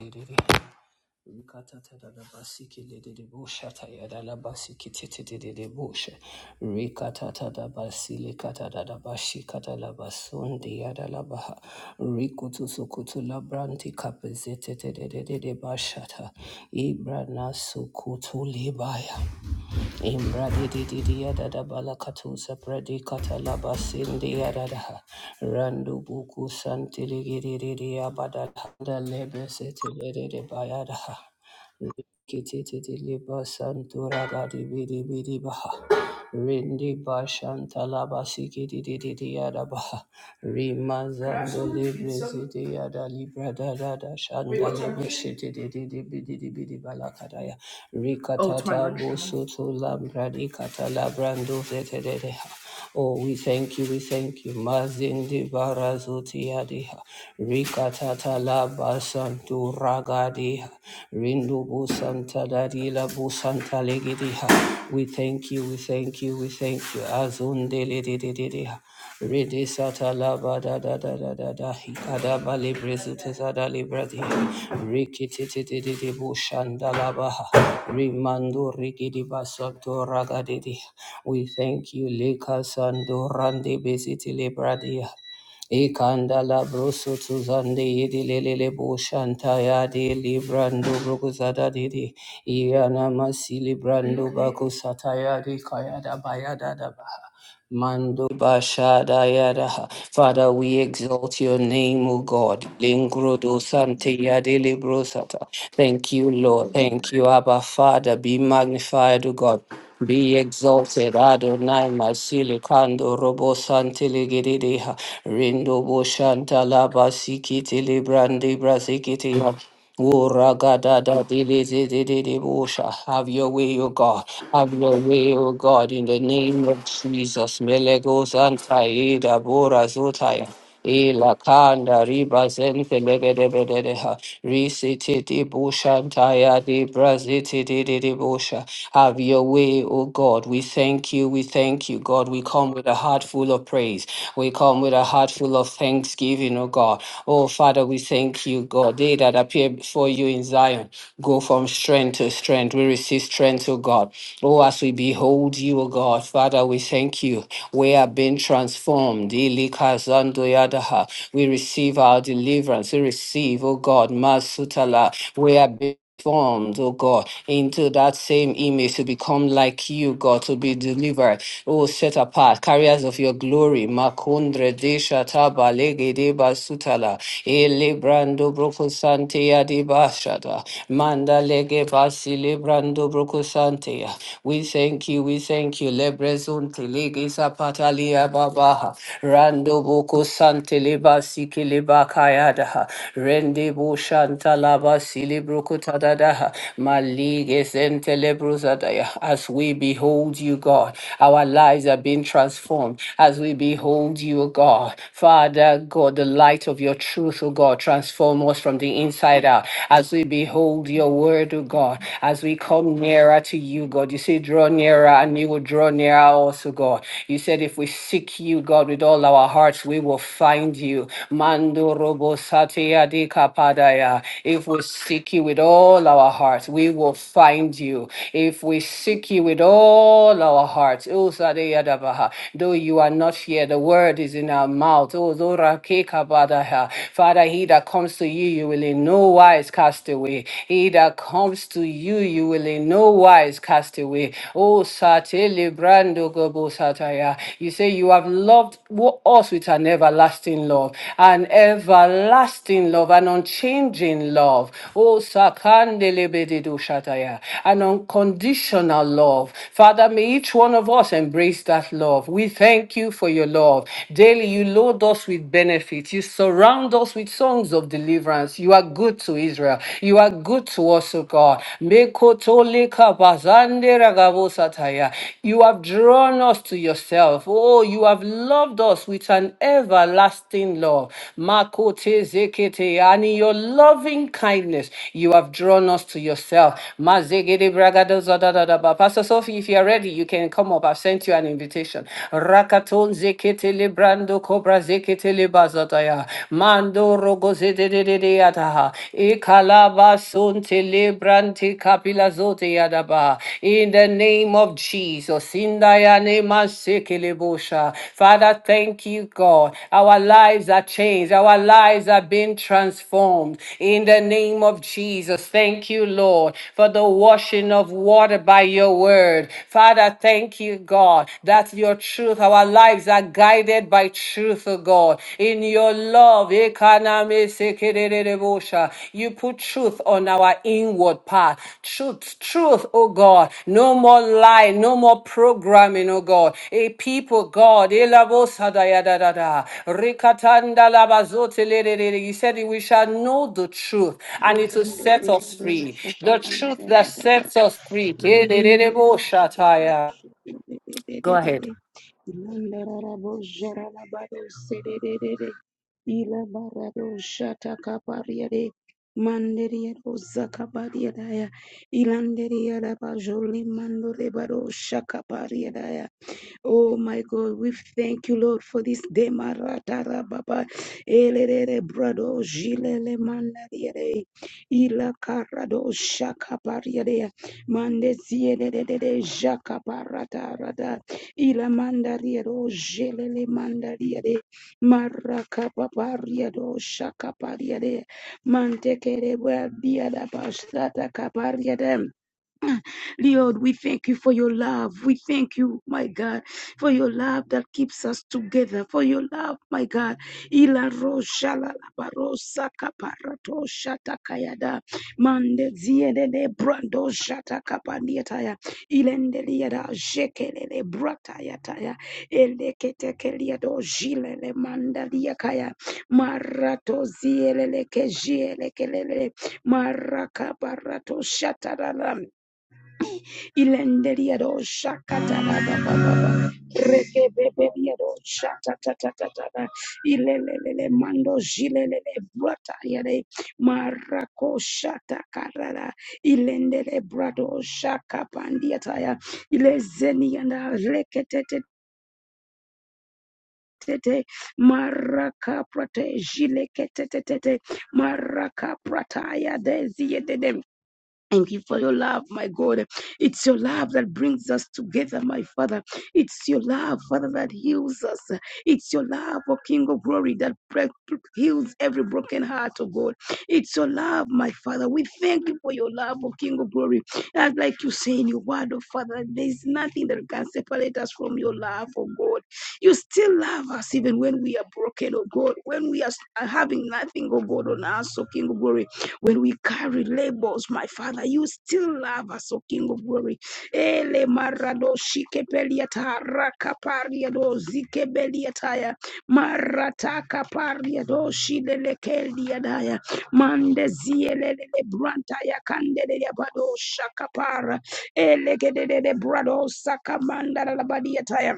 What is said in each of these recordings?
Ibrana sukutu libaya Imradididididada balakatusa pradi kata labasindi adada randubukusan tiligiri riri abada dallebesetilere debaya da kitti tilipasantura dari biri biri ba ha rindi bashantala basiki dididididada ba ha rimazandolibeside adali prada dadashaan banyabesetilere bide bide bide balakataya. Oh, Rikatata 21. bosoto labradi kata labrando zetededeha. Oh, we thank you, we thank you. Mazindi barazutiadiha. Rikatata labasantu ragadiha. Rindu busanta dadila busanta legidiha. We thank you, we thank you, we thank you. Azunde ledididiha. Rede sata lava da da da da da da hikada bali brezute sada libradi rikiti ti ti ti ti bushanda lava rimando rigidi basanto ragadidi. We thank you, Lika Sando Randi Besiti Libradia. Ikanda la broso tuzande yedi lelele bo shanta ya de librando brokuzada didi iana masili brando bako sataya de kaya da baya da da ba. Mando Bashada Yadaha. Father, we exalt your name, O God. Lingrodo Sante Yadele Brosata. Thank you, Lord. Thank you, Abba Father. Be magnified, O God. Be exalted, Adonai Masili Kando Robo Santele Gededeha. Rindo Boshanta Laba Sikiti Librandi Brasikiti Uragadadadididididibusha. Have your way, O God. Have your way, O God, in the name of Jesus. Melegos antaida bora zotaya. Ila kanda riba zente legedebedeha. Risiti di bushantaya di braziti di di di busha. Have your way, O God. We thank you. We thank you, God. We come with a heart full of praise. We come with a heart full of thanksgiving, O God. Oh, Father, we thank you, God. They that appear before you in Zion go from strength to strength. We receive strength, O God. Oh, as we behold you, O God, Father, we thank you. We are being transformed. Ilikazandoyadaha. We receive our deliverance. We receive, oh God, Masutala. We are being formed, oh God, into that same image to become like you, God, to be delivered, oh, set apart, carriers of your glory. Makundre desha taba legedeba sutala, elebrando brocosante adibashada, manda legebasi lebrando brocosantea. We thank you you, we thank you. Lebrezun telegisa patalia babaha. Rando boko sante leba siki leba kayadaha. Rende bo shanta laba silibruku tadadaha. Malige zente lebruzadaya. As we behold you, God, our lives are being transformed. As we behold you, God, Father God, the light of your truth, O God, transform us from the inside out. As we behold your word, O God, as we come nearer to you, God. You say, draw nearer and you will draw nearer also, God. You said, if we seek you, God, with all our hearts, we will find you. Mando robo satia di kapadaya. If we seek you with all our hearts, we will find you. If we seek you with all our hearts, usadaya dabaha. though you are not here, the word is in our mouth. Oh, zora ke kabadaha. Father, he that comes to you, you will in no wise cast away away. He that comes to you, you will in no wise cast away. Oh, Satele Brando Gobo Sataya. You say you have loved wo- us with an everlasting love, an everlasting love, an unchanging love. Oh, Sakandele Bededo Shataya, an unconditional love. Father, may each one of us embrace that love. We thank you for your love. Daily, you load us with benefits. You surround us with songs songs of deliverance. You are good to Israel. You are good to us, O God. Mekotolika bazande ragavosataya. You have drawn us to yourself. Oh, you have loved us with an everlasting love. Makote zekete. And in your loving kindness, you have drawn us to yourself. Mazegede bragadozadadadaba. Pastor Sophie, if you are ready, you can come up. I've sent you an invitation. Rakaton zekete librando ketele bazataya. Mando rogo zede de de de yataha. Ikalaba sun tele kapila zote yadaba. In the name of Jesus. In dayane masekele bosha. Father, thank you, God. Our lives are changed. Our lives are being transformed. In the name of Jesus. Thank you, Lord, for the washing of water by your word. Father, thank you, God, that your truth, our lives are guided by truth, O God. In your love, ekaname sekerererevosha, you put truth on our inward path. Truth, truth, O God. No more lie, no more programming, O God. A people, God. elavosadayadadada, rikatandalabazotelelelele. You said we shall know the truth and it will set Ilandere us free. The truth that sets us free. Kerererevosha taya. Go ahead. yada bajoli mandore bado shaka pariadaya Oh my God, we thank you, Lord, for this day. Maratara Baba. Elelele brado jilele mandariere. Ila karado shakapariere. Mande zielelelele jakaparata rada. Ila mandariero jelele mandariere. Marakapapariado shakapariere. Mantekere biada bastata kapariere. Lord, we thank you for your love. We thank you, my God, for your love that keeps us together, for your love, my God. Ila rosha la la barosa kaparato shata kayada mande ziede de brando shata kapandia ilende liada jekelele brata yataya ele ketekelia do jilele mandalia kaya marato zielele kejiele kelele maraka barato shata la Ilenderiado shakata ba ba ba ba ba. Rekebeberiado shakata ta ta ta ta. Ilelelele mando jilelele brata yare. Marako shata karara. Ilendele brado shaka pandiataya. Ilezeni yanda reketete. Tete, maraka prate jile kete tete maraka prataya dezi Thank you for your love, my God. It's your love that brings us together, my Father. It's your love, Father, that heals us. It's your love, O King of Glory, that heals every broken heart, O God. It's your love, my Father. We thank you for your love, O King of Glory. As like you say in your word, O Father, there's nothing that can separate us from your love, O God. You still love us even when we are broken, O God, when we are having nothing, O God, on us, O King of Glory. When we carry labels, my Father, you still love us, O King of Glory. Ele marado shikepeliata rakapariado zikebeliataya marataka pariado shidelekeliadaya mandezielele brantaya kandele yabado shakapara elegedede brado sakamanda labadiataya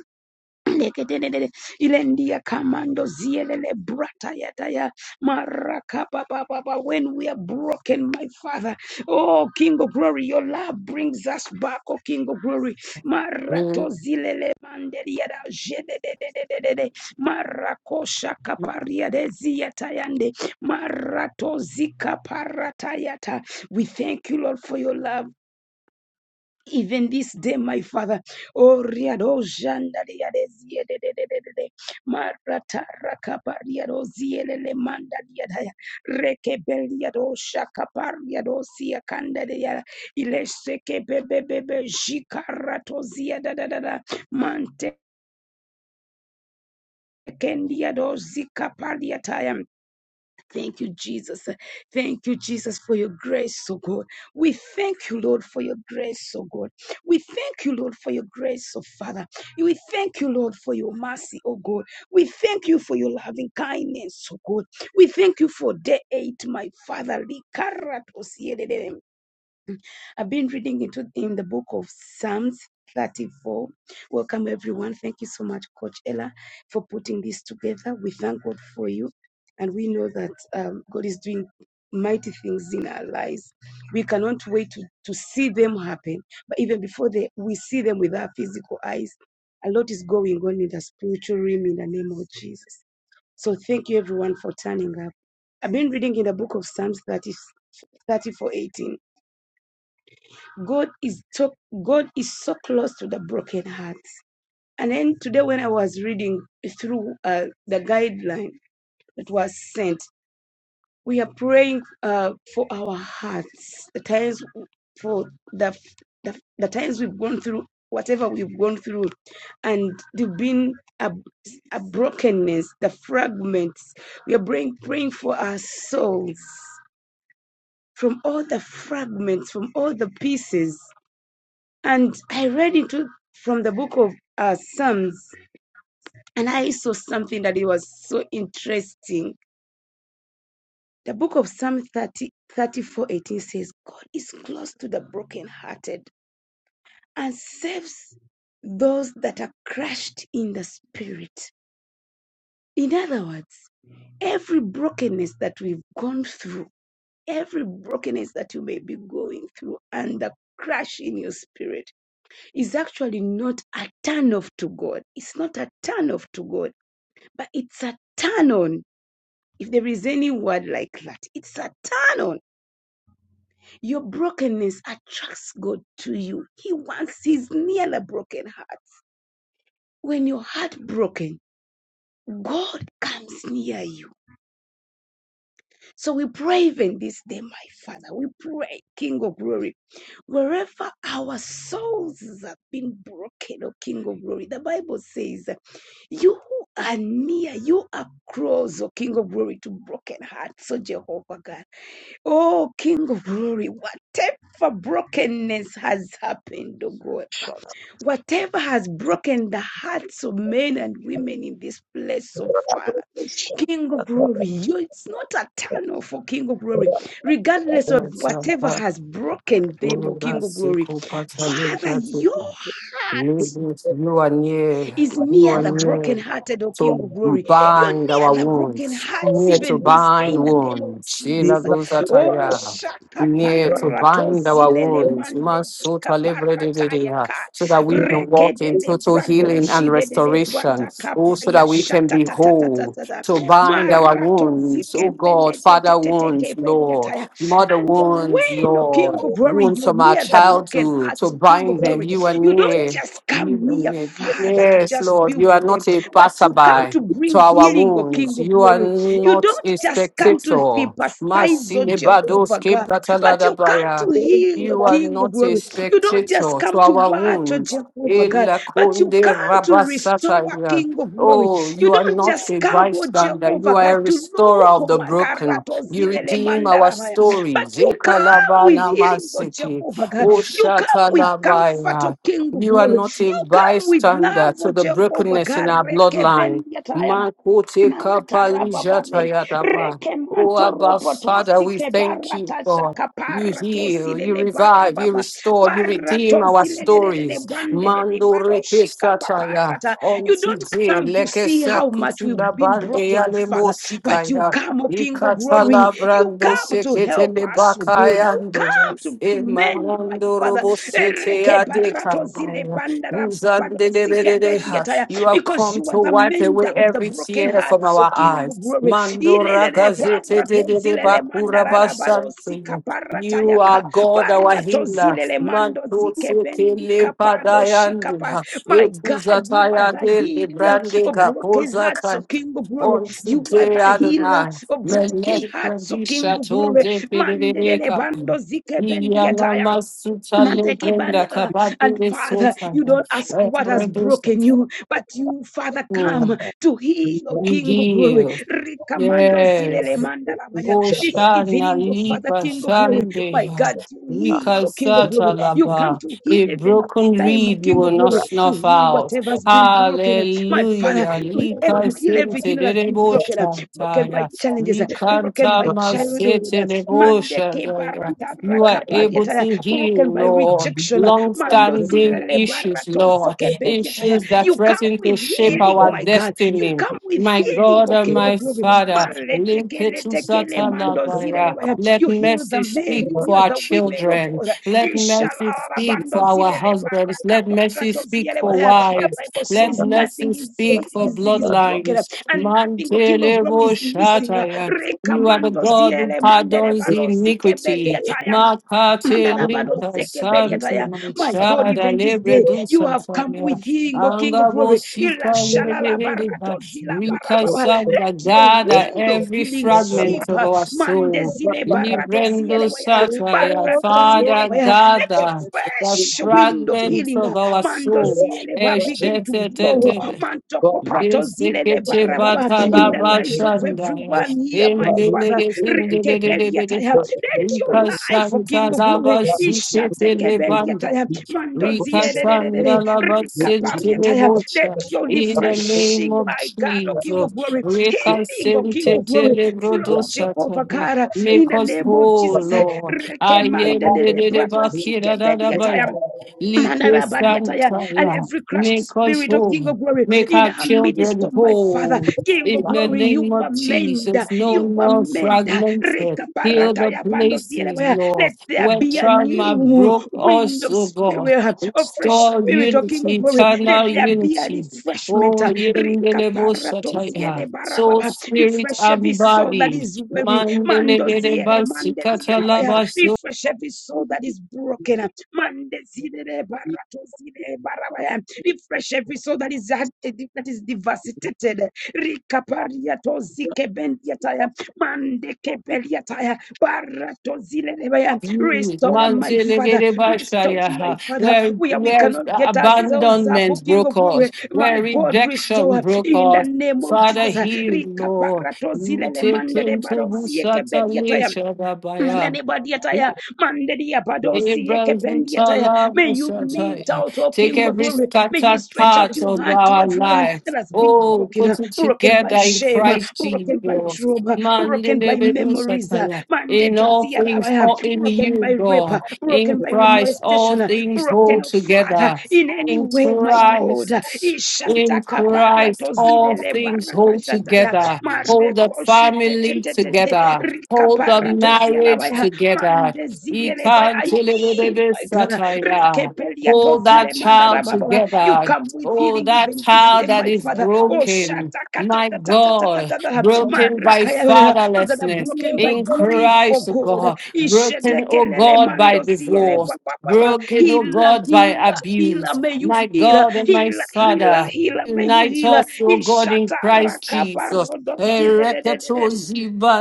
Nekedededede. Ilendia kamando zielele brata yataya maraka pa pa When we are broken, my Father, oh King of Glory, your love brings us back, oh King of Glory. Marato zilele manderia da jedededededede. marako shaka paria de ziatayande marato zika paratayata. We thank you, Lord, for your love even this day, my Father. Oh, riado janda riade zie de de de de de de. Marata rakapa riado zie manda riada ya. Reke beliado riado sia kanda de ya. Ile seke be jikarato zia da da da da. Mante kendia do zika paliataya Thank you, Jesus. Thank you, Jesus, for your grace, oh God. We thank you, Lord, for your grace, oh God. We thank you, Lord, for your grace, oh Father. We thank you, Lord, for your mercy, oh God. We thank you for your loving kindness, oh God. We thank you for day eight, my Father. Likara tosiyedede. I've been reading into in the book of Psalms 34. Welcome everyone. Thank you so much, Coach Ella, for putting this together. We thank God for you, and we know that um, God is doing mighty things in our lives. We cannot wait to, to see them happen. But even before they, we see them with our physical eyes, a lot is going on in the spiritual realm in the name of Jesus. So thank you everyone for turning up. I've been reading in the book of Psalms 34:18. God is so God is so close to the broken hearts. And then today, when I was reading through uh, the guideline that was sent, we are praying uh, for our hearts. The times for the, the the times we've gone through, whatever we've gone through, and there've been a, a brokenness, the fragments. We are praying praying for our souls from all the fragments, from all the pieces. And I read into from the book of uh, Psalms, and I saw something that it was so interesting. The book of Psalm 30 34 18 says, God is close to the brokenhearted and saves those that are crushed in the spirit. In other words, every brokenness that we've gone through, every brokenness that you may be going through, and the crash in your spirit. is actually not a turn off to God. It's not a turn off to God, but it's a turn on. If there is any word like that, it's a turn on. Your brokenness attracts God to you. He wants His near a broken heart. When your heart broken, God comes near you. So we pray even this day, my Father. We pray, King of Glory Wherever our souls have been broken, O King of Glory, the Bible says, You are near, you are close, O King of Glory, to broken hearts, O Jehovah God. Oh, King of Glory, whatever brokenness has happened, O God. Whatever has broken the hearts of men and women in this place, oh Father, Thank King of glory, you, it's not a tunnel for King of glory, regardless of whatever has broken them, oh King of Libras, you glory. Father, you are near. is You near are the near brokenhearted, O King of to Glory. You're bind our near the broken wounds, hearts near to even this day bind in the name of wounds. Sila Jesus. Oh, gozataya. shaka Near to parato bind our zilele wounds, mande zika Masuta parataya libredididea, ka so that we can reke walk de in de total brado healing and shide de de restoration, brata kapa oh, so ya that we can shata be ta ta ta ta whole, ta ta to bind our marato wounds, zike oh God, mende te te father te te ke wounds, bende Lord, mother And wounds, when, O King Lord, of Glory, wounds you're from our near the broken childhood, hearts, to O King of bind them, Glory. you are You don't near just come you are near, near. Father, to Yes, just be Lord, you are with them, not a but you come passerby to bring to our healing, O King wounds. of You are glory. You not don't a just come to spectator. sympathize, O Jehovah Masilebadoske God, but you come prataladabaya. to heal, O You are King of not a glory. You don't just spectator to come to our watch, O wounds. Jehovah God, but you Elakonde come to restore, rabasataya. King of glory. Oh, You you are don't not just a come, O bystander. You Jehovah God, are a to restorer look, of O the broken. Makarato You Zilele redeem our Mandarabaya, but stories. you come with Ekalabana healing, O masiki. Jehovah God. Oh, You come with comfort, O shatalabaya. King of You are glory. not a You come with love, bystander O to the Jehovah. brokenness in our bloodline. Garekebendiataya, Makote kapalija maratarababare, tayadaba. Oh, Abba, Father, we thank you, God. You heal, you revive, you rekemantoropotosikebaratasakaparatosilebarababa, restore, you redeem our stories. Mando reke sataya. baratosilelelebandelelebaroshikapaparata. On You don't today, come to leke see how much sakutu we've been labande broken, O yale Father, but you mosikaya. come, O King of glory. Ikatala You brando come to sekete help us, O God. lebakaya. You come to, to mend, my Manando Father. robo sete adeka. Uzande de bededeha. You have Because come you to are the wipe mender away of the every broken tear from hearts, O our King of eyes. glory. Mandora Ilelele gazete de barato de de zilele bakura mandara bado sika basante. You are paratayaka. God, our Marato healer. zilele mando Manto zike seke bendi le kapalo padayande. shikapa. My God, you are Etuzataya the de le healer brande of broken gapoza hearts, O kan. King of glory. On You are today, the healer Adonai. of broken Melek hearts, O King Radisha of told glory. Mandelele David bando zike bendi Iyala ataya. masuta Manteke lebrenda bandita. kabadi And Father, lesuta. you don't ask what has Ebredusa. broken you, but you, Father, come Mm. to heal, O You King of glory. heal. Rikamando zilele Yes. mandarabaya. This Oshana evening, O Father, Liba King of glory, my Sande. God, you heal, O King of glory. You come Rikasatalaba. to heal A even this broken time, O reed you King will of not glory. You snuff heal out. whatever has been broken. My Father, Hallelujah. you Lika you heal everything sente that de has been debo broken, broken by shataya. challenges, broken Rikanta by childhood, masete debo Mandeke shataya. barata You are able rakapadiata, to broken heal, by Lord. rejection. Long Mando standing zilele issues, barato Lord. zikebediata. Issues that You come threaten to with shape healing, our my God. You destiny come with my healing, God O and King my of Glory. Father. Maletekele Limpitu tekele mando zilele satalabaya. baya. Let You heal the mercy men, speak you for heal our the women, oh children. God. Let mercy Ishalara speak bando for our zilele husbands. baraka Let mercy barato speak zilele for baya. The wives. Bible Let says mercy nothing is, speak for is, is broken bloodlines. and nothing, O King of Glory, Mantelebo is missing. shataya. You are the Rekamando God who ziele mandele pardons barosi iniquity. kebediataya. Makate lita santi My God, manchada even this lebre day, you dusa have come samia. with him, O King of Angabo Glory. sita Let Rikasanda your Gada, wind of every healing fragment sweep. of uh, our soul. Librendo Sataya, Father Let your Gada, the fresh wind of fragments healing of uh, our soul. begin to blow. Eshetetetebe. Bisikiti batala In the lives of bashandaya. everyone here, my Father. Indiligisindiligididididha. Let your life, oh, Inkasanta King of Glory. labasikiti libanda. Ishatekebeliataya, mandoziedededede, Rikatanda labasinti rikapariataya. Let libocha. your In the name refreshing, of my God, O King Jesus. of Glory, healing, O King Rikasinti of Glory, flow, Jehovah tilibrodosataya. God, in Make the us name of whole, Jesus. Lord. I Recommended am the the brado sike Bakira bendi Dadabaya. ataya. Like Manarabadiataya, Santa, And yeah. every crushed Make us spirit, oh whole. King of glory, Make in our our midst, children oh my Father, whole King of in the glory, you name of amend, Jesus. No you more amend. fragmented. Heal the Rekaparataya places, pandozielewea. Lord, Let there where be a trauma new broke wind us, of oh God. spirit, a fresh Restore spirit, oh King unity, of glory. Let eternal there be a unity. refreshment. Oh, yendelebo sataya. Soul, Rekaparatozielebarababa. spirit, Refresh every and soul that body. is weary. Mandele Mandoziele, mandezielabaya. Refresh every soul that is broken. Mandezile, baratozile, barabaya. Refresh every soul that is that is devastated. Rikaparia tozike bendiataya. Mandeke Beliataya, Barato Zilerebaya. Mm, Restore my Father, restore my Manzelegebashaya, Father, Where, where we where cannot get ourselves up, O abandonment King of broke Glory. off, My where God, rejection restore broke in the off. name of Father, Jesus. heal, Rika Lord. Parato Not Zilele Mandere taking to Barosieke Beliataya. Busata Baya. Manani badiataya, mandedia padosi Ibrazuta ekependiataya. May lava you meet sataya. out, O Take King of every Glory. May you scattered stretch out part your of hand to our everyone life. that has been Oh, broken, uh, put it broken by together in shame, uh, Christ broken by Jesus. trauma, broken by Mandelebedu memories, uh, sataya. In all things, mandekeziarabaya, all in broken you, by rape, uh, God. In broken by Christ, all molestation, uh, things broken, hold oh Father, together. in any In way, my God. uh, Christ. In Ishataka Christ, all paratozidele things hold baratashataya. together. Hold the Mareko shi de de family de de de. together. Rika Hold the parato ziela marriage baya. together. Mande He ziele can't baya. My God, uh, Ikanteleberebesataya. rekepelia Hold that tozile child baba. you together. come with Oh, healing that even this child day, that my is Father. Oh, broken. shata kata My ta ta ta ta God, you. broken by Marakaya those that are fatherlessness broken by in grief for Christ, oh God. God, broken, oh Ishedekelele God, by mando ziele ba- divorce, ba- ba- ba. broken, oh Healer, God, by healer, healer, abuse. may you My heal. God and my Healer, healer, Father, healer, may you unite heal. us, oh God, in Ishata Christ rakapa Jesus. rodo zile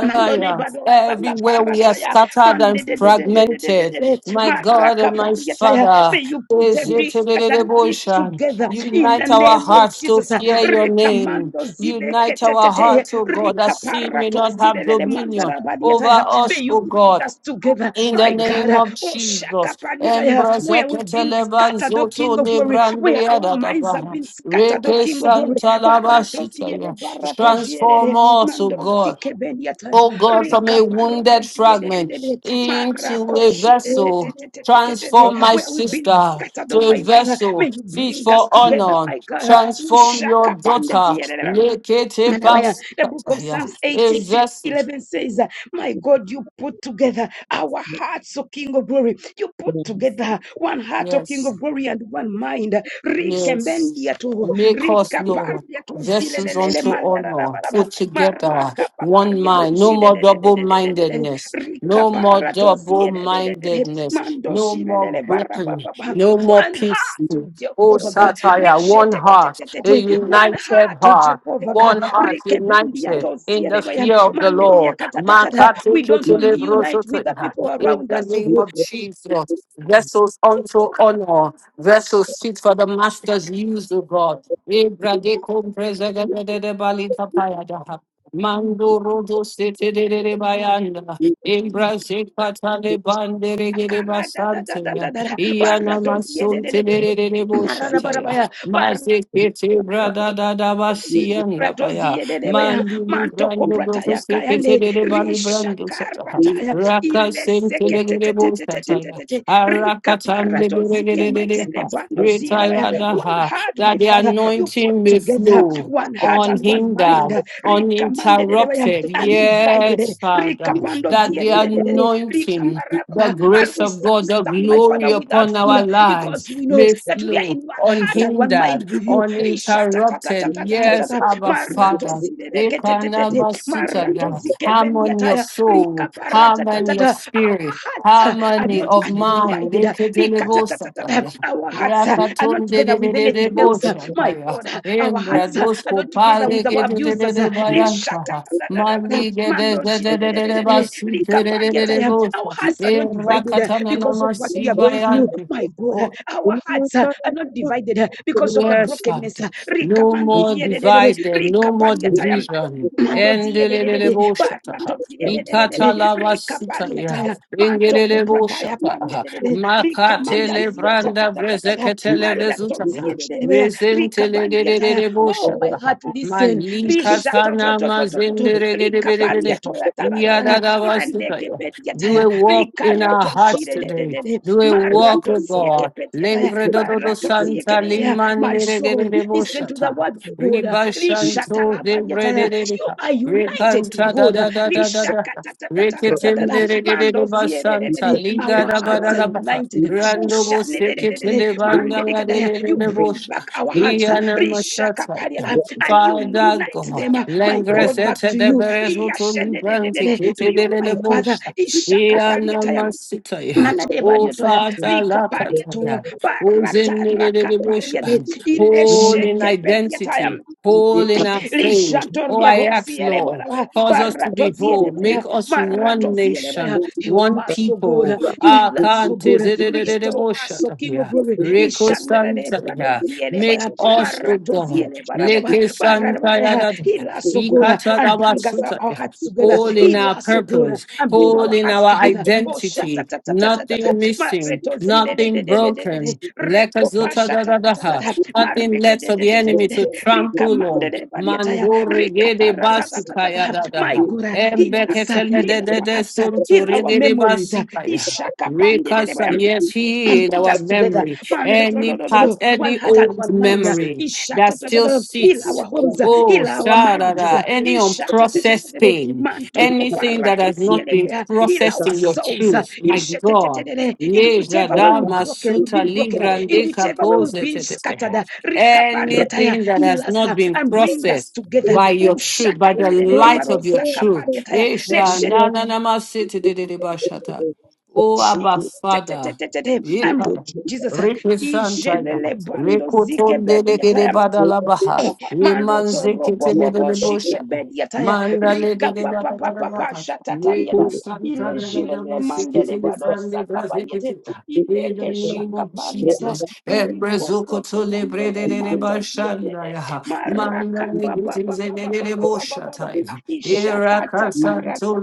Mando de barosa Everywhere we are caparataya. scattered Mande and de de de de de de de de fragmented, de. my God Maraka and my pariataya. Father, May you put every scattered piece Esetelelebosha. together in the unite our name of hearts to Jesus. fear your name. Recamando zile Unite our ketetete. hearts, O God, that sin may Ricaparato not zile have le dominion mandara over badiataya. May us, you O bring God. us together, In the my name God. of Oh shaka Jesus, paniataya. Embrace We where we've been Keteleban scattered, O Zoto King of glory, where Lebrandia our minds have Dadabaha, been scattered, O Reke King of glory. Santa Baratosiele, Labashitaya. Transform baratosiele, us, O God, mandosikebeniata, O God, from rika a wounded fragment baratosiele, into a marakoshi, vessel. Transform my where we've been sister scattered, to O a my Father, may vessel you fit bring us for together, honor. my God. Transform your Ushaka daughter, bandeziele. Lekete Manawaya, The book of Pasitaya, Psalms a 86:11 vessel. says, uh, My God, you put together our hearts, O King of glory. You put together one heart, O King Yes. of glory, and one mind. Yes. Rikembendia to Make us, Lord, rikaparia to vessels zilelelele unto honor, mandarabarabaraba. put together one Marakapaparia do mind. No more double zidededededededede. mindedness. No more Rikapara to double ziededededede. mindedness. Mando No more zilelele breaking. barabababa. No more One peace. heart, O Oh, Jehovah God. satire, one heart, a Rishetetetetete one united heart, oh heart. Jehovah God. One heart Rikebendia united in tosia the debaya, fear of the mandedia Lord. katatatata. Makati We don't kitile only unite brosoto. with the people In around the us, oh name God. of Jesus, vessels unto honor, vessels fit for the master's use, O God. Ebrade compresa de de de de balita payada. Mando rodo sete de de de bayanda. Embrace patale bandere de de basantaya. Akaradadadadadada, Iana baratosia masunte de de de de barabaya boshataya. mararabarabaya, Maze kete brada da da basianda baya. Radozie de debea, Manduli manto brando brofo koprataya sekete kayande, de de bali brando sataha. rishakarata ya Raka ile sente de sekete de te, de bosataya. ileseketetetetetetetete, rikaparatozike metele Arakatandebeleleleleha, bandozie debea. One retayadaha, heart, That my the father, you put anointing may together flow one heart and one mind, unhindered, rikamande de debea, uninterrupted. undivided, Yes, Father. That rikapandozie the de de de de, anointing, rikaparaba, the and grace we of shall God, the stand, my father, glory without upon fear our lives because we know may that we are in flow one heart and one unhindered, mind with you. uninterrupted. Yes, Ishatatatatatatata, Abba Father. maratozidekete, Ekanamasutaya. Harmony of maratozikebeliataya. soul, harmony Rikaparatatata. of Our spirit, hearts uh, are harmony not of mind. undivided. uh, Leketelebosataya. Our hearts uh, are not together with anything else. uh, My Rakatondelelelebosataya. God, uh, our hearts uh, are not together with our abusers. uh, Embradoskopalegedelebayantaha. Reshatatatatata. Mando zidedededede. Rikapariataya. Maligedezedededebasitelelelebosa. Our hearts are not divided uh, because of what we are going through. Erakatananamasivayante. My God, uh, our hearts uh, are not divided uh, because of the Yes, brokenness. Father. uh, No Rikamando more ziedededede. divided, no more Rikapariataya. division. Mandozie de de de de, Endelelebo shata. baratozie de de de de de, Ikata lava rika sita ya. pariataya, manto Engelelebo kuprataya pande de de de, rika Makatele mandazia ta ta branda ta ta ta ta, brezeketele vezuta ya. maratozie de de de de, rika Rezentele pandiataya. Oh, my heart, listen. Malika Risha to to sana to to to to, to, mazendere rika gerebere. pariatoya ta ta ta ta, mandeke Do bediataya. a walk in our Ricarato hearts Gire de de today. de de Do a walk Marato with God. Sieke Petiata Lengredo do do Marato Sieke santa de Mea. My limandere de de de soul, de listen to the boshata. word of God. Ribashanto Rishatala de brede de Badiata. de de You ha. are united to Rekanta da God. da da da da da. Rishakata ta ta ta ta Thank ta you. ta. Reketende de de de de de Mando ziere basanta. Liga our da Thank ba hearts da are la ba. ha. united. Oh, Rando bo sekete shanedededede, de banga la de de de You de bring bosha. back our hearts. uh, Iyana masata. rishakapariala, And you Father unite God. them, uh, my God, back Lengresete to de you. berezo to liganti To kete de you, de my de Father. bosha. Iyana masita. ya. Manade O badio to her, Father, Rika Ishakapariataya, manadebadiotoya, rikapariatoa, Lakataya, who's in the bush, baratarakaparia de, whole in ileshekepediataya. identity, whole in our faith. Oh, I ask, Lord, Lishatoriadosierebara, cause us to be whole, make baratosierebaya, us one nation, maratosierebaya. Help one us, O God. people. Heal Ah, us, O Kante, God. zedededede Restore bush, us, O King of yeah. Glory. Reko Santa, yeah. Make Ishandarebradosierebaya, us, oh God, maratosierebara, baba, Leke Santa, yeah. barabara. that- Heal us, O God, Ikata and that was bring us our Santa, yeah hearts together. whole in Heal our us, O God, purpose, and bring whole our in hearts our together. Oh, identity, shatatatatatatata, nothing missing, maretozile, de de nothing de de de de broken. rekopasha, Lekazotadadadaha, tatatatata, Nothing mareke, left de for de the de de enemy de to Rika trample on. mandede badiataya. Mandori Rika gede basukaya My dadaha. God, uh, heal us, uh, heal our Embeketele hearts, uh, heal sunto our regede memories. uh, basikaya. Ishaka pandede Rekasa, yes, he and in put our us together. memory. Man, do- do- Any do- do- do- part, do. One any heart and old one mind. uh, memory isha, that do- do- do- still do. Heal sits. our homes, uh, Oh, heal our marriages. sharada, uh, any isha, do- do- do- unprocessed do- do. pain. Man, to- po- pa- Anything ra- that to- has si- not ele- been uh, heal processed our in your souls. uh, truth, my isha, do- do- do- God. do- do. In whichever way Lejada we've broken, we've masuta been broken. uh, In librande whichever way we've kapose been scattered. tetestehe. uh, rika you. paria taya, Anything that Heal has us uh, not been and bring us processed together. by your Usha, truth, ka- by the ne- ne- ne- ne- light baro, of Thank your sa- ka- truth. paria taya. Esha na na na masete de de de bashata. Oh Abba te- te- Father. te- te- te- and Ikara. Jesus, Reke Santa ya, Ijelele bando Reko zike Tonde de bedi de de yataya. Badalabaha, Maroto Remanze robo Kete de de bobo de shike Bosha. bediataya. Mandale de Rika de da papa papa pasha Rico tatariana. Santa Ile da da jile da le da. mande de badosa kapariete. Ile In the kesha name of kapariete. Jesus. El Riko brezuko to roto le ziele de de mando ziele. Maraka Mandale baba giti baba ze de baba de de baba baba baba. boshata ya. Ishakata karata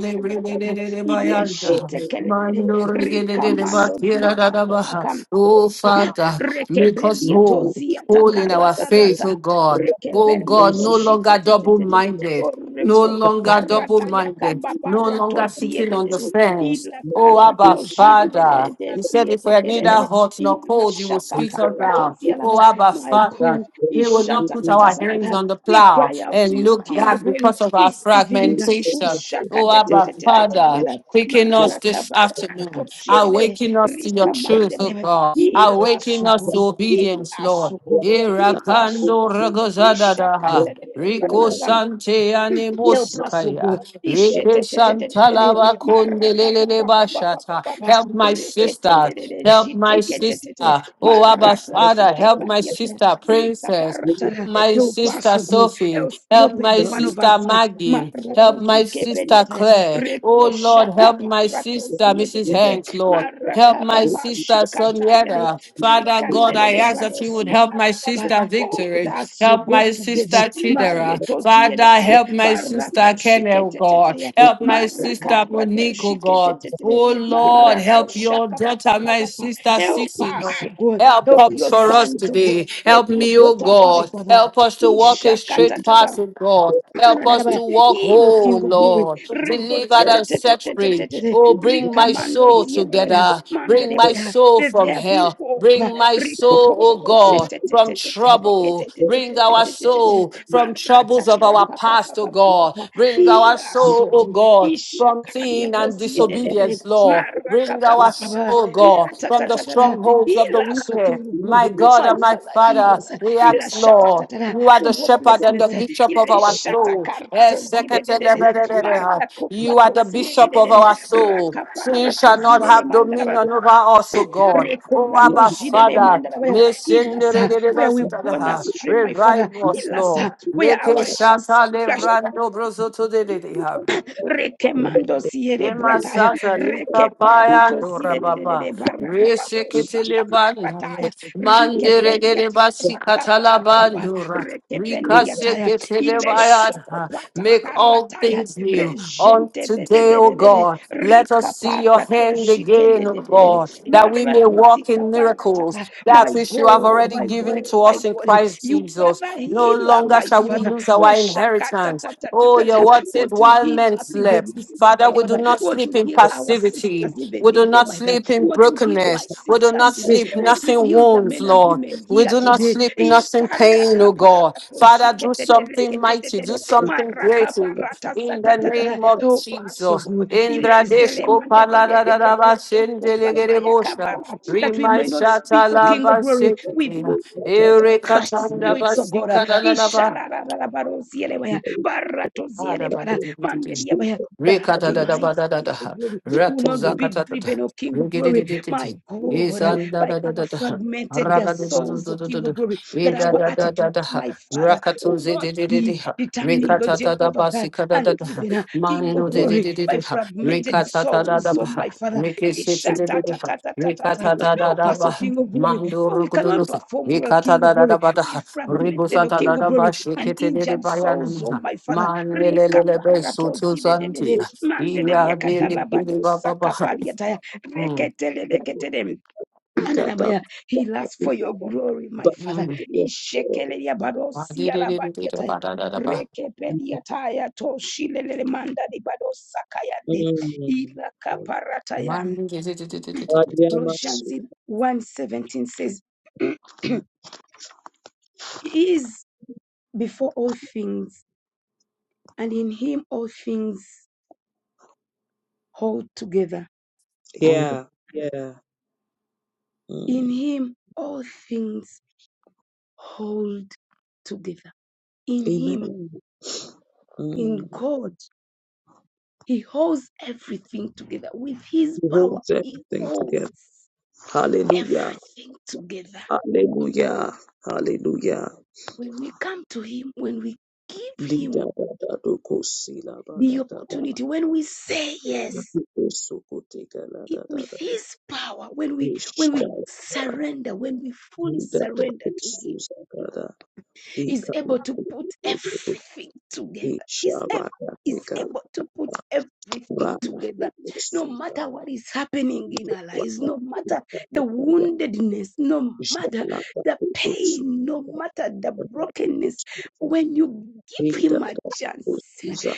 de yadadada. Ile bayanda. shite kelele. Mandore de Rika mando bakira da ziata da paka Oh Father, make us Rekebelia whole. tozia Hold in our takarata faith, rata. oh God. Oh Rekebelia God, no toshike longer double tetetete. minded, no Oreko longer double parata ya minded, kamba no para longer tozie sitting on the dedede. fence. Ila Oh kara Abba, tojide dedede Father. You said desie if we are neither tekedede. hot nor Ila cold, you will shaka spit us para out. tozia lava. Oh Abba, My God, Father. We will isha not ta put ta ta our ta ta hands ta. on the We plow cry out and to you, look King of back Glory, because of our this evening. fragmentation. Ushaka Oh, te te Abba, te te te te, Father, tetetete. quicken us Maraka this papara afternoon. toshide dedede. Awaken us to your truth, Rikamande. oh God. Ila Awaken us to sukuru, obedience, ila Lord. you. sukuru, ila Irakando sukuru. Thank Isha kanda ragozadadaha. Rico Sante Help us, O Anemosikaya. God. Rike Ishetetetetetete. Santalava Kondelele Bashata. Marakababababababa. Help my sister. Reketelelele. Help my sister. Jiteketetete. Oh Abba Father, help. Help my Maratosikeparietre. sister, Princess. Rikaparatara. My Help us, sister O God. Sophie, Help, help help my every one of sister us here. Maggie, help my sister Maratozikebediete. Claire. Oh Lord, help my sister Mrs. Rekoshakaparatoziedetete. Hanks, Lord. Help my sister Marakabapashikatariade. Sonietta. Father God, I ask that you would help my Rikandedebadosiedabababa. sister Hold Victory. us, O Help God, my sister together. Chidera. Father, Maretoziedeba. help my Barato sister Kenneth, oh God. shiketeteteya. Help my sister Marakarato Monique, oh God. shiketetetete. Oh Lord, Marako help your shaka pa pa daughter, pa my pa pa. sister Help Sissy, Lord. us, oh God. Help Help comes your for us sons, oh God. today. Help Help your me, O daughters, my God. Father. Help us to walk a straight Ishakatatata path, oh God. Help us to walk he whole, King of Glory. Lord. Regota Delivered te- and te- te- set te- te- free. te- te- te. Oh, bring my Rikamando soul zienebaya. together. Bring my Mandelebaya. soul Let from there be hell. hope. Bring my Riko po- soul, po- O po- she- God, te- te- from te- te- te- trouble. te- te- te- Bring te- te- our te- te- te- te. soul from Marata troubles of our raka pa- pa- pa- past, oh pa- pa- God. pa. Bring our Ila soul, O sugu. God, from Ishakaria sin and tozie de- de- de. disobedience, Lord. Maraka Bring pa- our pa- pa. soul, Ila God, ta- from ta- the ta- ta- ta. strongholds of the Ila so wicked. King My Glory. God My and my Father, heal Father, us. we Ila ask, shata ta- Lord, ta- ta. you are the From shepherd and the hopelessness. bishop of our Ireshata soul. Eh, karatozi de de de de de seketeleberereha. You are the marakopatosi de bishop de of de de our soul. Sin shall rakaparatozi not de le have mandalaba dominion over us, O God. Oh, rekorando Abba, jide le Father, mandalaba may heal sin us uh, where we born deregeregasutadaha. astray my father revive us, heal us uh, Lord. where Leke our shanta sh- lebrando brozoto Rekemando siere Yema brataya. sasa lika Reke paya parato nora zire de de de baba. de barra baba Rese bo saka ketele bandoya. parataya. Reke Mandere gere beliata basi rakapa katala papa. bandora. Reke Rika se bendiataya. ketele Ile soko bayada. pata Make all karataya. things new. On regente de de today, de O de de de. God, let Rika us see your parato hand jike de again, O de de de de. God, that we may Marato walk zika in miracles, paratata. that My which you have God, already my given God, to my us in God. Christ You are Jesus. the No healer, longer my shall we father. lose Oh our shakata inheritance. tata tata Oh, your tata. word says, Want to while heal men us even slept. this day, Father, my we do Father. not Want sleep to in heal our sisters passivity. even We this do day, not my God. sleep in Want to heal my brokenness. We do sisters not today. sleep Want to nothing heal the wounds, men and Lord. women We here do not today. sleep nothing pain, oh God. Father, do something mighty, do Ikarakaparatoshiketetereketetetete. something great in the name of so Jesus. good. Indra Deshko Paladadaba That we Rima may not shata speak, O la King of glory, with basikiti. Ere Crush the katanda spirits of God. uh, basika da la la Ishalarararabarosielebaya, baratosielebara, ba. mandeliabaya, That our minds, King of Rikadadadabadadadaha. glory, will not be Ratuzakatata. driven, O King of glory, my Rigidididididi. God, uh, by our Isandadadadadaha. fragmented uh, souls, O King Ragadudududududu. of glory, that our attitudes, Idadadadadaha. my Father, will not be Rakatuzididididha. determined, O Jehovah God, and Rikatadadabasikadadadaha. driven, uh, King of glory, by Mandudididididha. fragmented souls, O Rikatadadabaha. my Father. you. Rikisitidididha. Ishatatatatata. Mm. Help us, O Rikatadadadabaha. King of glory, for we Mandurukudududu. cannot perform well, King of Glory, with Rikatadadadabadaha. fragmented, O King of Glory, and injured souls, O Ribusatadadabashikitidididbayanamaha. my Father. Rika Manelelebe parato soto zide de de santi. de, mande de Iya dia dele kiri katalabado baba ba. sakapariataya, Hmm. reketele leketele, manarabaya. Heal us for your glory, my Hmm. Father. Ishekele ya barosi ya Madiririririra labadiataya. ba da da da ba. toshilele manda di badosakayande. Ila kaparataya. Mandiriririririririririr. Colossians 1.17 says, He is before all things, and in him all things hold together. Hmm. Yeah, yeah. In Mm. him all things hold together. In Amen. him, in Mm. God, he holds everything together. With his He power, holds he everything holds together. Hallelujah. everything together. Hallelujah. Hallelujah. When we come to him, when we give Lida him da da do ko si la ba da the da ba. opportunity, when we say yes, O so ko te ga la da da with da da. his power, when we Ish when da we da. surrender, when we fully Lida da surrender ko to him su za is able to put everything together. Is ab- is able to put everything together. No matter what is happening in our lives, no matter the woundedness, no matter the pain, no matter the brokenness, when you give him a chance,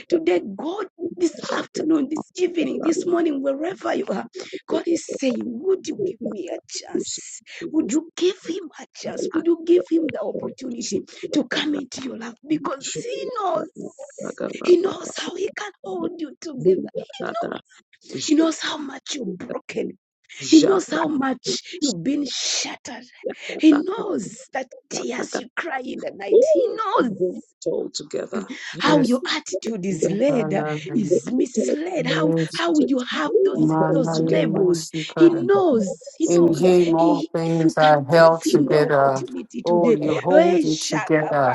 today, God, this afternoon, this evening, this morning, wherever you are, God is saying, Would you give me a chance? Would you give him a chance? Would you give him the opportunity? to come into your life because he knows. He knows how he can hold you together. He knows. He knows how much you're broken. He knows how much you've been shattered. He knows that Jara tears you cry in the night. He Ooh, you knows bring it all together. You how Yes. your attitude don't is get led, Mukana. uh, you is bring the television. misled, how Yes. how you have You those bring it those Manale together. labels. He musikada. knows, he In Things knows. like him that, He, like all if you things can are held give him the together. opportunity Oh, today, you eh, hold it together.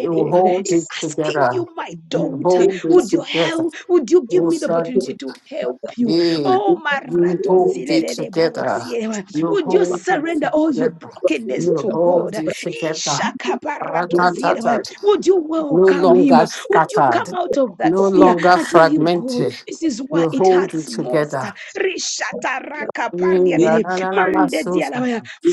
the big hold he's it house. asking you, together. my You daughter, It hold it would you together. help? Would you give Oh, me the it- opportunity Sunday. to help that- you? Hey, Oh, it- you it- it- hold it together. maratozilelebarosieleba, You would you that- like hold it surrender all your together. what we brokenness do, You to that hold God? it together. we do, it- Ishakabaratozieleba, Ratatatata. Would you No welcome him? longer Would you scattered. come out of that No fear it- longer and tell him, God, fragmented. this is why You it hold hurts it most? together. that we do, that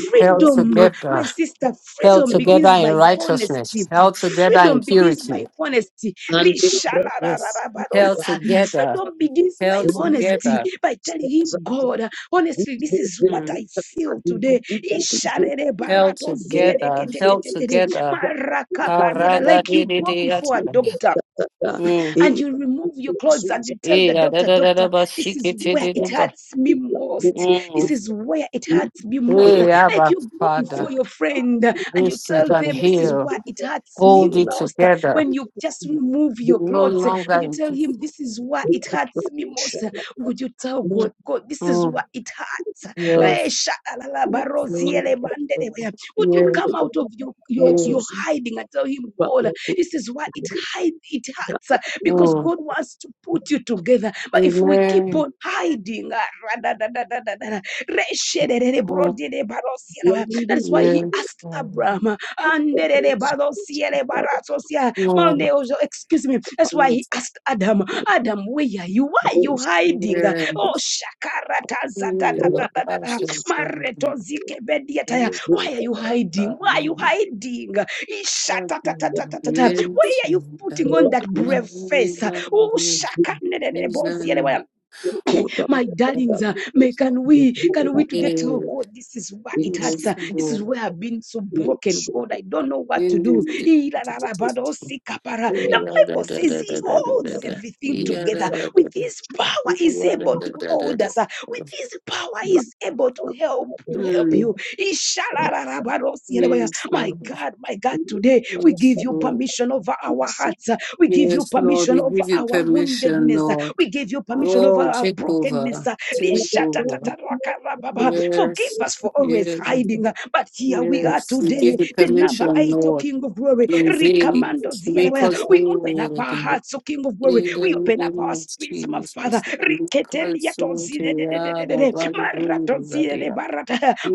we do, Held that we together, my sister, held freedom together begins in by righteousness, honesty. held do, that together in Freedom begins by purity. honesty. and they brought us Yes. people Held that we together, Freedom begins by held bring honesty, together, by telling him, stars and God, we honestly, this do, is they what mm. do, I that I feel do, we today. did, we can do, they held do, they together, do, they held do, together. that do, that Marakabadiada, Like you go before a Haragadididiyata. doctor Thank Mm. and you remove your clothes and you tell the doctor, Doctor, this is where it Iyadadadadabasikitididiba. hurts me most. This Mm. is where it hurts me We most. have Like a you go before Father. your friend and you This is tell an them, This is heal. where it hurts Hold me it most. together. When you just remove your No clothes and you longer it tell is. him, This is where it hurts me most. Would you tell God, God, this is Mm. where it hurts? Eh, Yes. Yes, Lord. shakalalabarosielebandelebea. Would you come yes. out of your, your, your Yes. hiding and tell him, God, this is why it hide, it hurts because Mm. God wants to put you together. But if we keep Amen. on hiding, Mm. thats why he Yes. asked Mm. Abraham, ah, Mm. excuse me. That's why he Yes. asked Adam, Adam, where are you? Why are you hiding? Yes. Oh, Mm. I shall come. Yes. I Why are you shall hiding? Why are come. you hiding? Why Yes. are you putting on that brave Father. Mighty face? God, Oh, Yes. shaka Hosanna. Oh, my darlings, uh, Father. may can we can we today tell "Oh, Yes. God this is where it hurts. Yes. uh, This is Lord. where I've been so broken. God, I don't know what to do. Yes. The Mm. Bible says He holds everything together. With His power, He's able to hold us. uh, With His power, He's able to help to help you. you. Yes, My Lord. God, my God, Mm, today we Yes, give you Lord. permission over our hearts. uh, We give you Yes, Lord. permission We over give you our permission, woundedness. Uh, Lord. we give you permission over Oh, our take brokenness. over. uh, Take over. Forgive Yes. us for always Yes. hiding. uh, But here we are Yes. We today, give you the number permission, eight, O Lord. King of Glory. To invade. Rikamando To make zielewa. us We open up whole our again. hearts, O King of Glory. In the We open up name our of spirits, my Father. Jesus, the Christ, and Yada, Bali, Brundadia,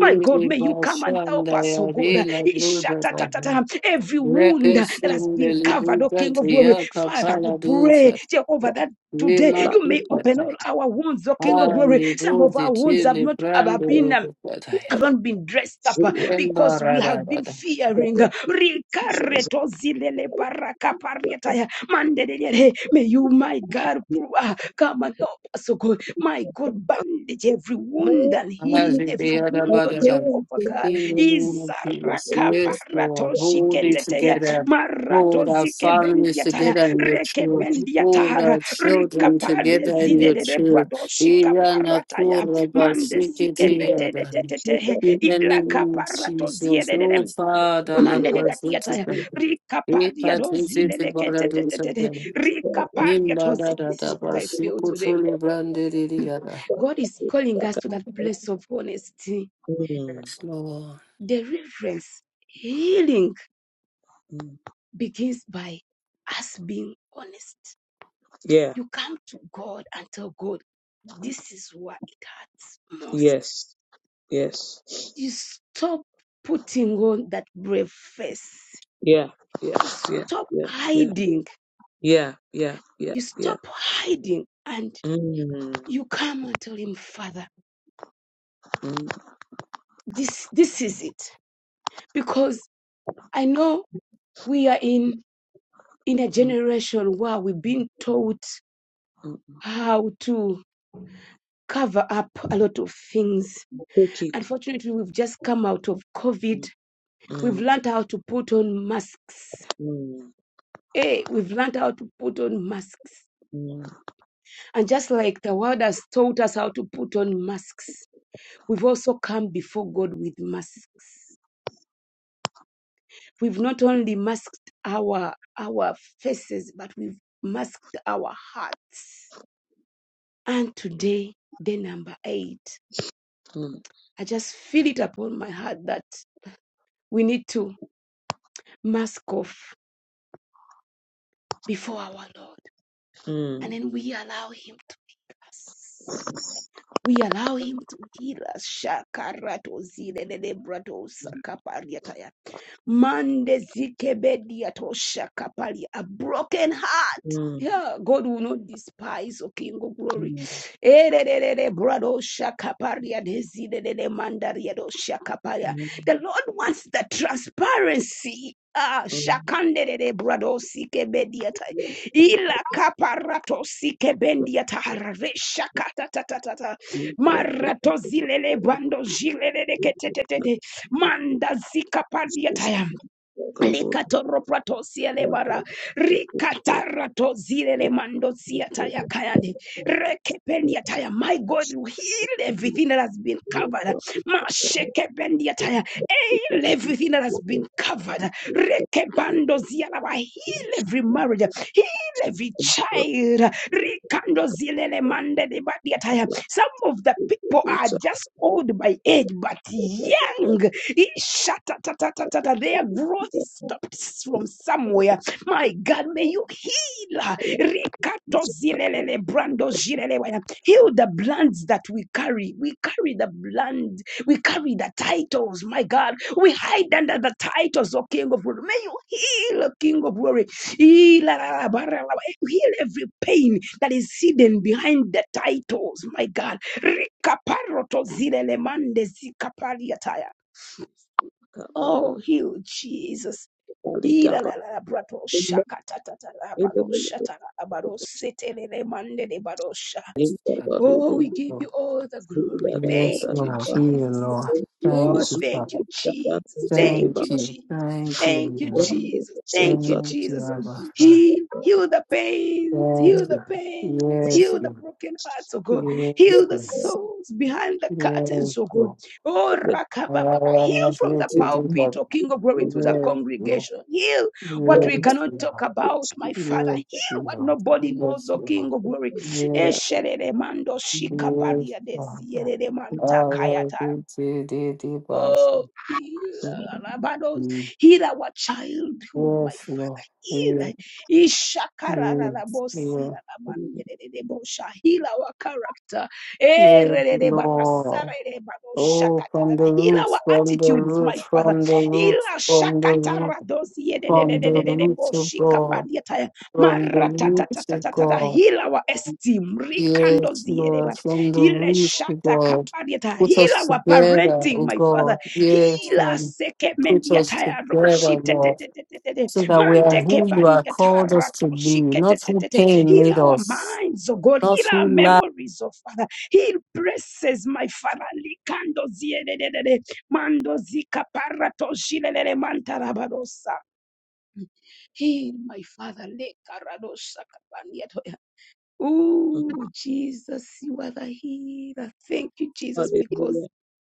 My God, may you come and help Bashanda, us, O God. Yarila, Brundadia, Every wound Rekes, that has in the been covered, O King of Glory. Librutatia, Father, we Kapala, pray, Dusa, Jehovah, that Today, Rima, you may open Tukata, all our wounds, O King of and Glory. the Some of our wounds have Bruzitili, not have Brando, been um, Brundadia, haven't been dressed up uh, because we have been Wembarada, fearing. uh, Rikareto zilele baraka pariataya, mandelelele. May you, my God, uh, come and help us, oh God. My God, bandage every wound and heal As it be every other wound, oh brother done. Jehovah God. In the name of Jesus. Izaraka Yes, parato Lord. Hold it shiketeteya, together. marato Hold our zike families bendiataya, together in your reke truth. Hold bendiatara, our children rikapadle together in your zilele truth. brado Iyana shikaparataya kura Mande sike basikiti bete de yada. te te te. In the Ila name of kapara zie Jesus. de de Oh dem. Father, Mande love de us gatia into taya. them. Rika paria do zile Ipatisi de ke brother te te do te te te. something. Rika paria to Nimba da zi- da This da is what I feel today. basikutu librandi yada. God is calling us to that place of honesty, Yes, Lord. the reverence, healing mm. begins by us being honest. Yeah, You come to God and tell God, this is what it hurts most. yes, yes. You stop putting on that brave face. Yeah, yeah, You yeah, stop yeah, yeah, hiding. yeah, yeah, yeah, You yeah. stop hiding and Mm, you come and tell him, Father, mm, this this is it. Because I know we are in in a mm, generation where we've been taught mm. how to cover up a lot of things. Take it. Unfortunately, we've just come out of Mm, COVID. We've learned how to put on masks. mm, Hey, we've learned how to put on masks. mm, mm, And just like the world has taught us how to put on masks, We've also come before God with masks. We've not only masked our our faces, but we've masked our hearts. And today, day number eight, mm, I just feel it upon my heart that we need to mask off before our Lord. mm. And then we allow Him to us. We allow Him to heal us. Shakarato zilelelebrato Mande zikebedia tosha kapali. A broken heart. mm. Yeah, God will not despise, O King of Glory. Hallelujah. Eh, de de, de, de, brado shakaparia dezidedede mandaria do shakaparia. The Lord wants the transparency. Ah, shakande de shakanderere brado sikebediata. Ila kaparato sikebendiata harare shakata ta. ta ta ta. Marato zilele bando zilele de ketetete. Manda zika pandiataya. Likatoroprato sielebara. Rikatarato zilele mando siataya kayande. Rekependiataya. My God, you heal everything that has been covered. Mashekependiataya. Heal everything that has been covered. Rekebando zialaba. Heal every marriage. Heal every child. Rikando zilele mande de badiataya. Some of the people are just old by age, but yet young. Ishatatatata. Their growth is stopped from somewhere. My God, may you heal. Rikato zilelele, brando zilelewe. Heal the bloods that we carry. We carry the blood. We carry the titles. My God, we hide under the titles, O King of Glory. May you heal, O King of Glory. Heal every pain that is hidden behind the titles. My God. Rikaparoto zile le mande zikapariataya. Oh, heal Jesus. Ilalala brato shaka tatata labado Amen. Sete, labado setelele mande lebado sha. Lord. Oh, we give you all the glory. Yes, Thank you, Lord. Hear, Jesus. Lord. Oh, Thank you, thank Father. you, Jesus. Thank Thank you, you. Jesus. Thank Thank you, you, Lord. Jesus. Thank you, Thank you, Jesus. Abba Father. Heal, heal the pains, Thank heal the you. pains, Yes, heal the Lord. broken hearts, oh God. Yes, Heal the Lord. souls behind the Yes, curtains, oh God. Lord. Oh, I Rakababa, heal am not from here the to do that. pulpit, oh King of glory, to the Yes, Lord. congregation. Heal Yes, what we Lord. cannot talk about, my Father. Yes, Heal what Lord. nobody knows, Yes, oh King Lord. of glory. Yes, Esherere mando yes, shikapalia desi, Father. erere I mantakayata love you to the deepest. Oh, heal Rabados, heal our childhood, my Yes, Lord. Father. Heal Yes, yes, Ishakararabosi, yes, Heal our character. Eh, yes, Lord. Oh, from the Heal our roots, from the attitudes, my roots, Father. from the Heal roots, from the roots, Shakataradosi, from the roots of God, Yedededededeboshikapadiataya. from the roots of Maratatatatata. God. Heal our esteem. Yes, Lord, from the Ile roots of shata God. kapariata. Put Heal us our together, parenting, oh my father. God. Yes, Heal and us. Seke put us mendiata ya together, roshi te te Lord, te te te te te. so that we are Mante ke who you are bandiata called us to be, ratoshi ke te not te who te te. pain Heal made our us. minds, oh God. Not Heal our who memories, oh Father. Heal presses, my father. Likando zie de de de de. Mando zika paratoshi le le le mantarabarosa. Heal my father. Lekaradosa Ooh, Jesus, you are the healer. Thank you, Jesus, because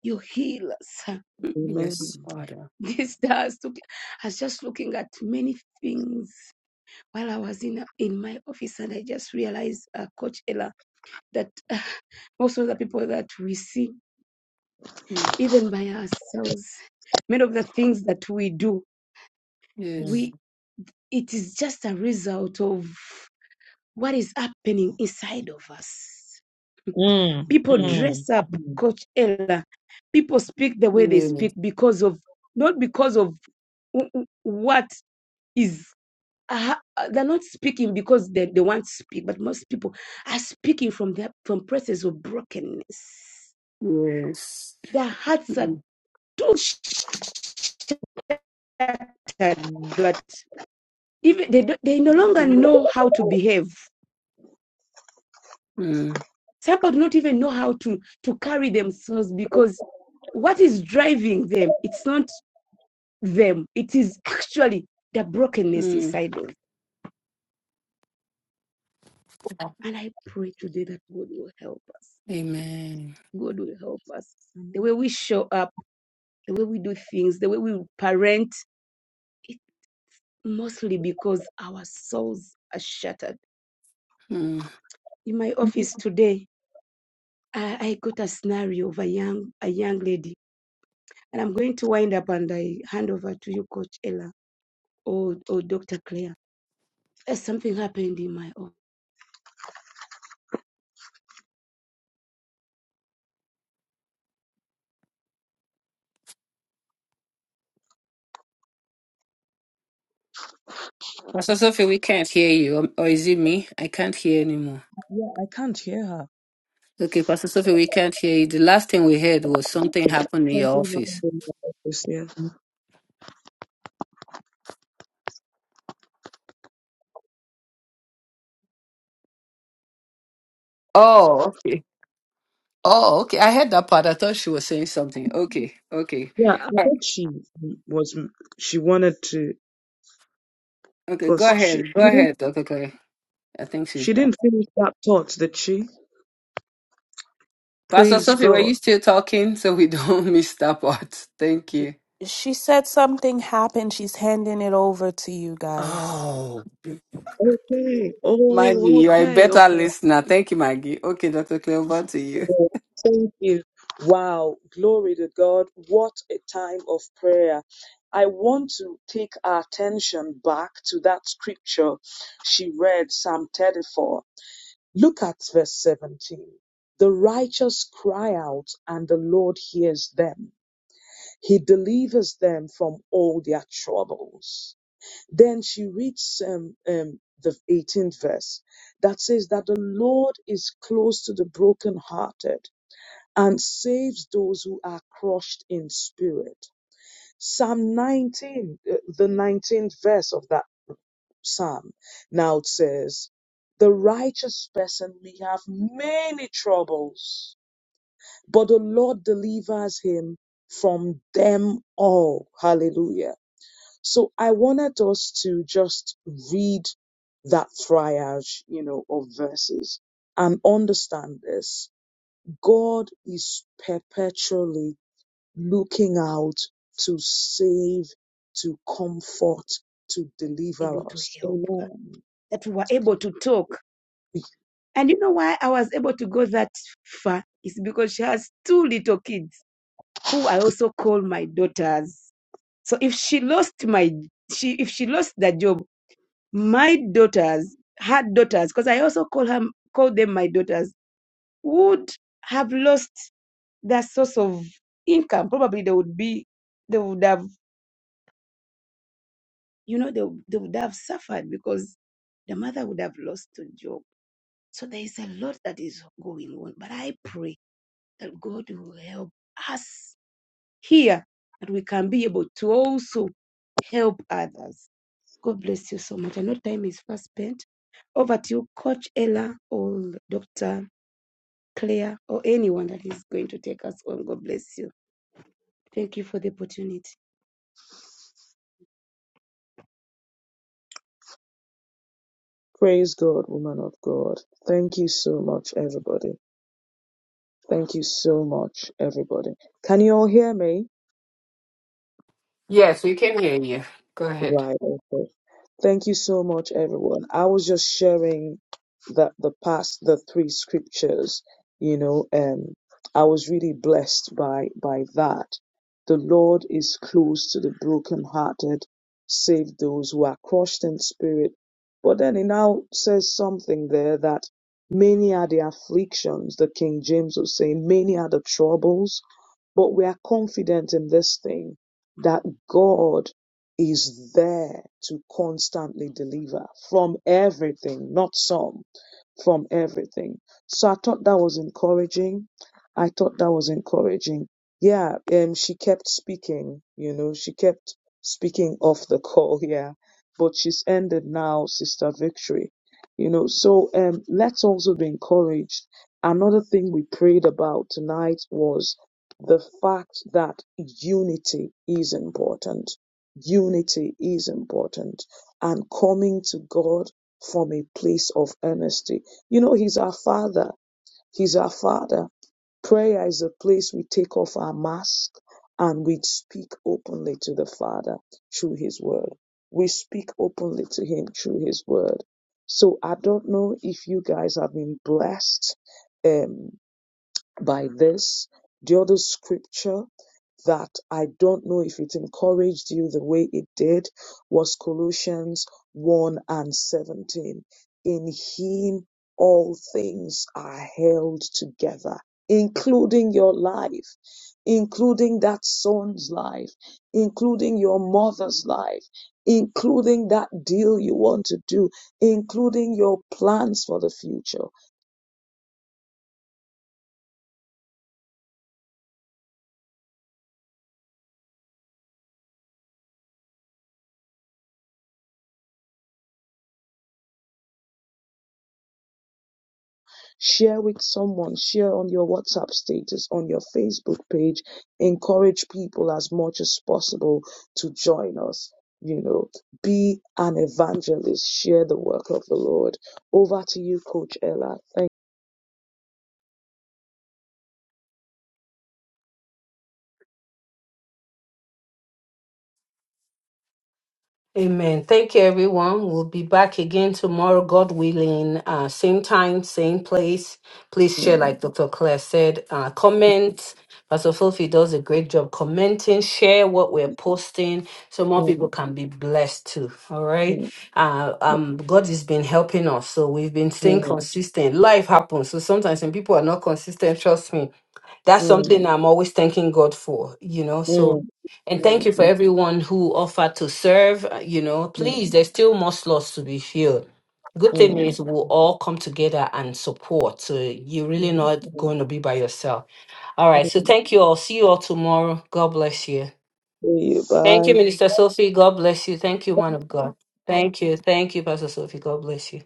you heal us. Yes, Father. This does took I was just looking at many things while I was in in my office, and I just realized, uh, Coach Ella, that uh, most of the people that we see, Mm. even by ourselves, many of the things that we do, Mm. Yes. we it is just a result of what is happening inside of us. Mm, People Mm. mm, dress up, mm. Coach Ella. People speak the way they Mm. speak because of, not because of what is, uh, they're not speaking because they, they want to speak, but most people are speaking from their, from places of brokenness. Yes. Their hearts are Mm. too shattered that even they, they no longer Mm. know how to behave. Mm. Some people do not even know how to, to carry themselves because what is driving them? It's not. them. It is actually the brokenness Mm. inside us. And I pray today that God will help us. Amen. God will help us. The way we show up, the way we do things, the way we parent, it mostly because our souls are shattered. Mm. In my office today, I, I got a scenario of a young a young lady, and I'm going to wind up and I hand over to you, Coach Ella or, or Dr. Claire. As Something happened in my office, Pastor Sophie, we can't hear you. Or or is it me? I can't hear anymore. Yeah, I can't hear her. Okay, Pastor Sophie, we can't hear you. The last thing we heard was something happened in your Something office. happened in my office. Yeah, Oh, okay. Oh, okay. I heard that part. I thought she was saying something. Okay, okay. yeah. I All right. think she was. She wanted to, Okay, go cause she ahead. Go she didn't. ahead, Dr. Clay. I think she's done. She didn't finish that thought, did she? Pastor Praise Sophie, were God. you still talking so we don't miss that part? Thank you. She said something happened. She's handing it over to you guys. Oh, Okay. Maggie, Oh, you are a okay, better okay. listener. Thank you, Maggie. Okay, Dr. Clay, over to you. Oh, Thank you. Wow. Glory to God. What a time of prayer. I want to take our attention back to that scripture she read, Psalm 34. Look at verse 17. The righteous cry out and the Lord hears them. He delivers them from all their troubles. Then she reads um, um, the 18th verse that says that the Lord is close to the brokenhearted and saves those who are crushed in spirit. Psalm 19, uh, the 19th verse of that Psalm. Now it says, The righteous person may have many troubles, but the Lord delivers him from them all. Hallelujah. So I wanted us to just read that triage, you know, of verses and understand this. God is perpetually looking out to save, to comfort, to able deliver to us. help, Amen that we were able to talk And you know why I was able to go that far is because she has two little kids who I also call my daughters. So if she lost my she if she lost the job, my daughters, her daughters, because I also call her call them my daughters, would have lost their source of income. Probably they would be they would have you know they, they would have suffered because the mother would have lost the job. So there is a lot that is going on. But I pray that God will help us here, that we can be able to also help others. God bless you so much. I know time is fast spent. Over to you, Coach Ella or Dr. Claire or anyone that is going to take us on. God bless you. Thank you for the opportunity. Praise God, woman of God. Thank you so much, everybody. Thank you so much, everybody. Can you all hear me? Yeah. Right. Okay. Thank you so much, everyone. I was just sharing the the past the three scriptures, you know, and I was really blessed by by that. The Lord is close to the brokenhearted, save those who are crushed in spirit. But then he now says something there that many are the afflictions. The King James was saying, many are the troubles but we are confident in this thing that God is there to constantly deliver from everything, not some from everything. So I thought that was encouraging. I thought that was encouraging. Yeah, um, she kept speaking, you know, she kept speaking off the call, yeah. But she's ended now, Sister Victory. You know, so um, let's also be encouraged. Another thing we prayed about tonight was the fact that unity is important. Unity is important. And coming to God from a place of earnestness you know, He's our Father. He's our Father. Prayer is a place we take off our mask and we speak openly to the Father through His Word. We speak openly to Him through His Word. So I don't know if you guys have been blessed um, by this. The other scripture that I don't know if it encouraged you the way it did was Colossians 1 and 17. In Him all things are held together, including your life, including that son's life, including your mother's life, including that deal you want to do, including your plans for the future. share with someone, share on your WhatsApp status, on your Facebook page. Encourage people as much as possible to join us. You know, be an evangelist, share the work of the Lord. Over to you, Coach Ella. Thank Amen. Thank you, everyone. We'll be back again tomorrow, God willing. Uh, same time, same place. Please share, you. like Dr. Claire said. Uh, comment. Pastor Filthy does a great job commenting. Share what we're posting so more people Mm, can be blessed too. All right. mm, Uh, um, God has been helping us, so we've been staying consistent. Life happens, so sometimes when people are not consistent, trust me, that's mm, something I'm always thanking God for, you know. mm, So, mm, and thank you for mm, everyone who offered to serve, uh, you know. mm, mm, Please, there's still more slots to be filled. Good thing mm, is, we'll all come together and support. So, you're really mm, not mm, going to be by yourself. All right. mm. So, thank you all. See you all tomorrow. God bless you. See you. Thank Bye. you, Minister Sophie. God bless you. Thank you, man of God. Thank you. Thank you, Pastor Sophie. God bless you.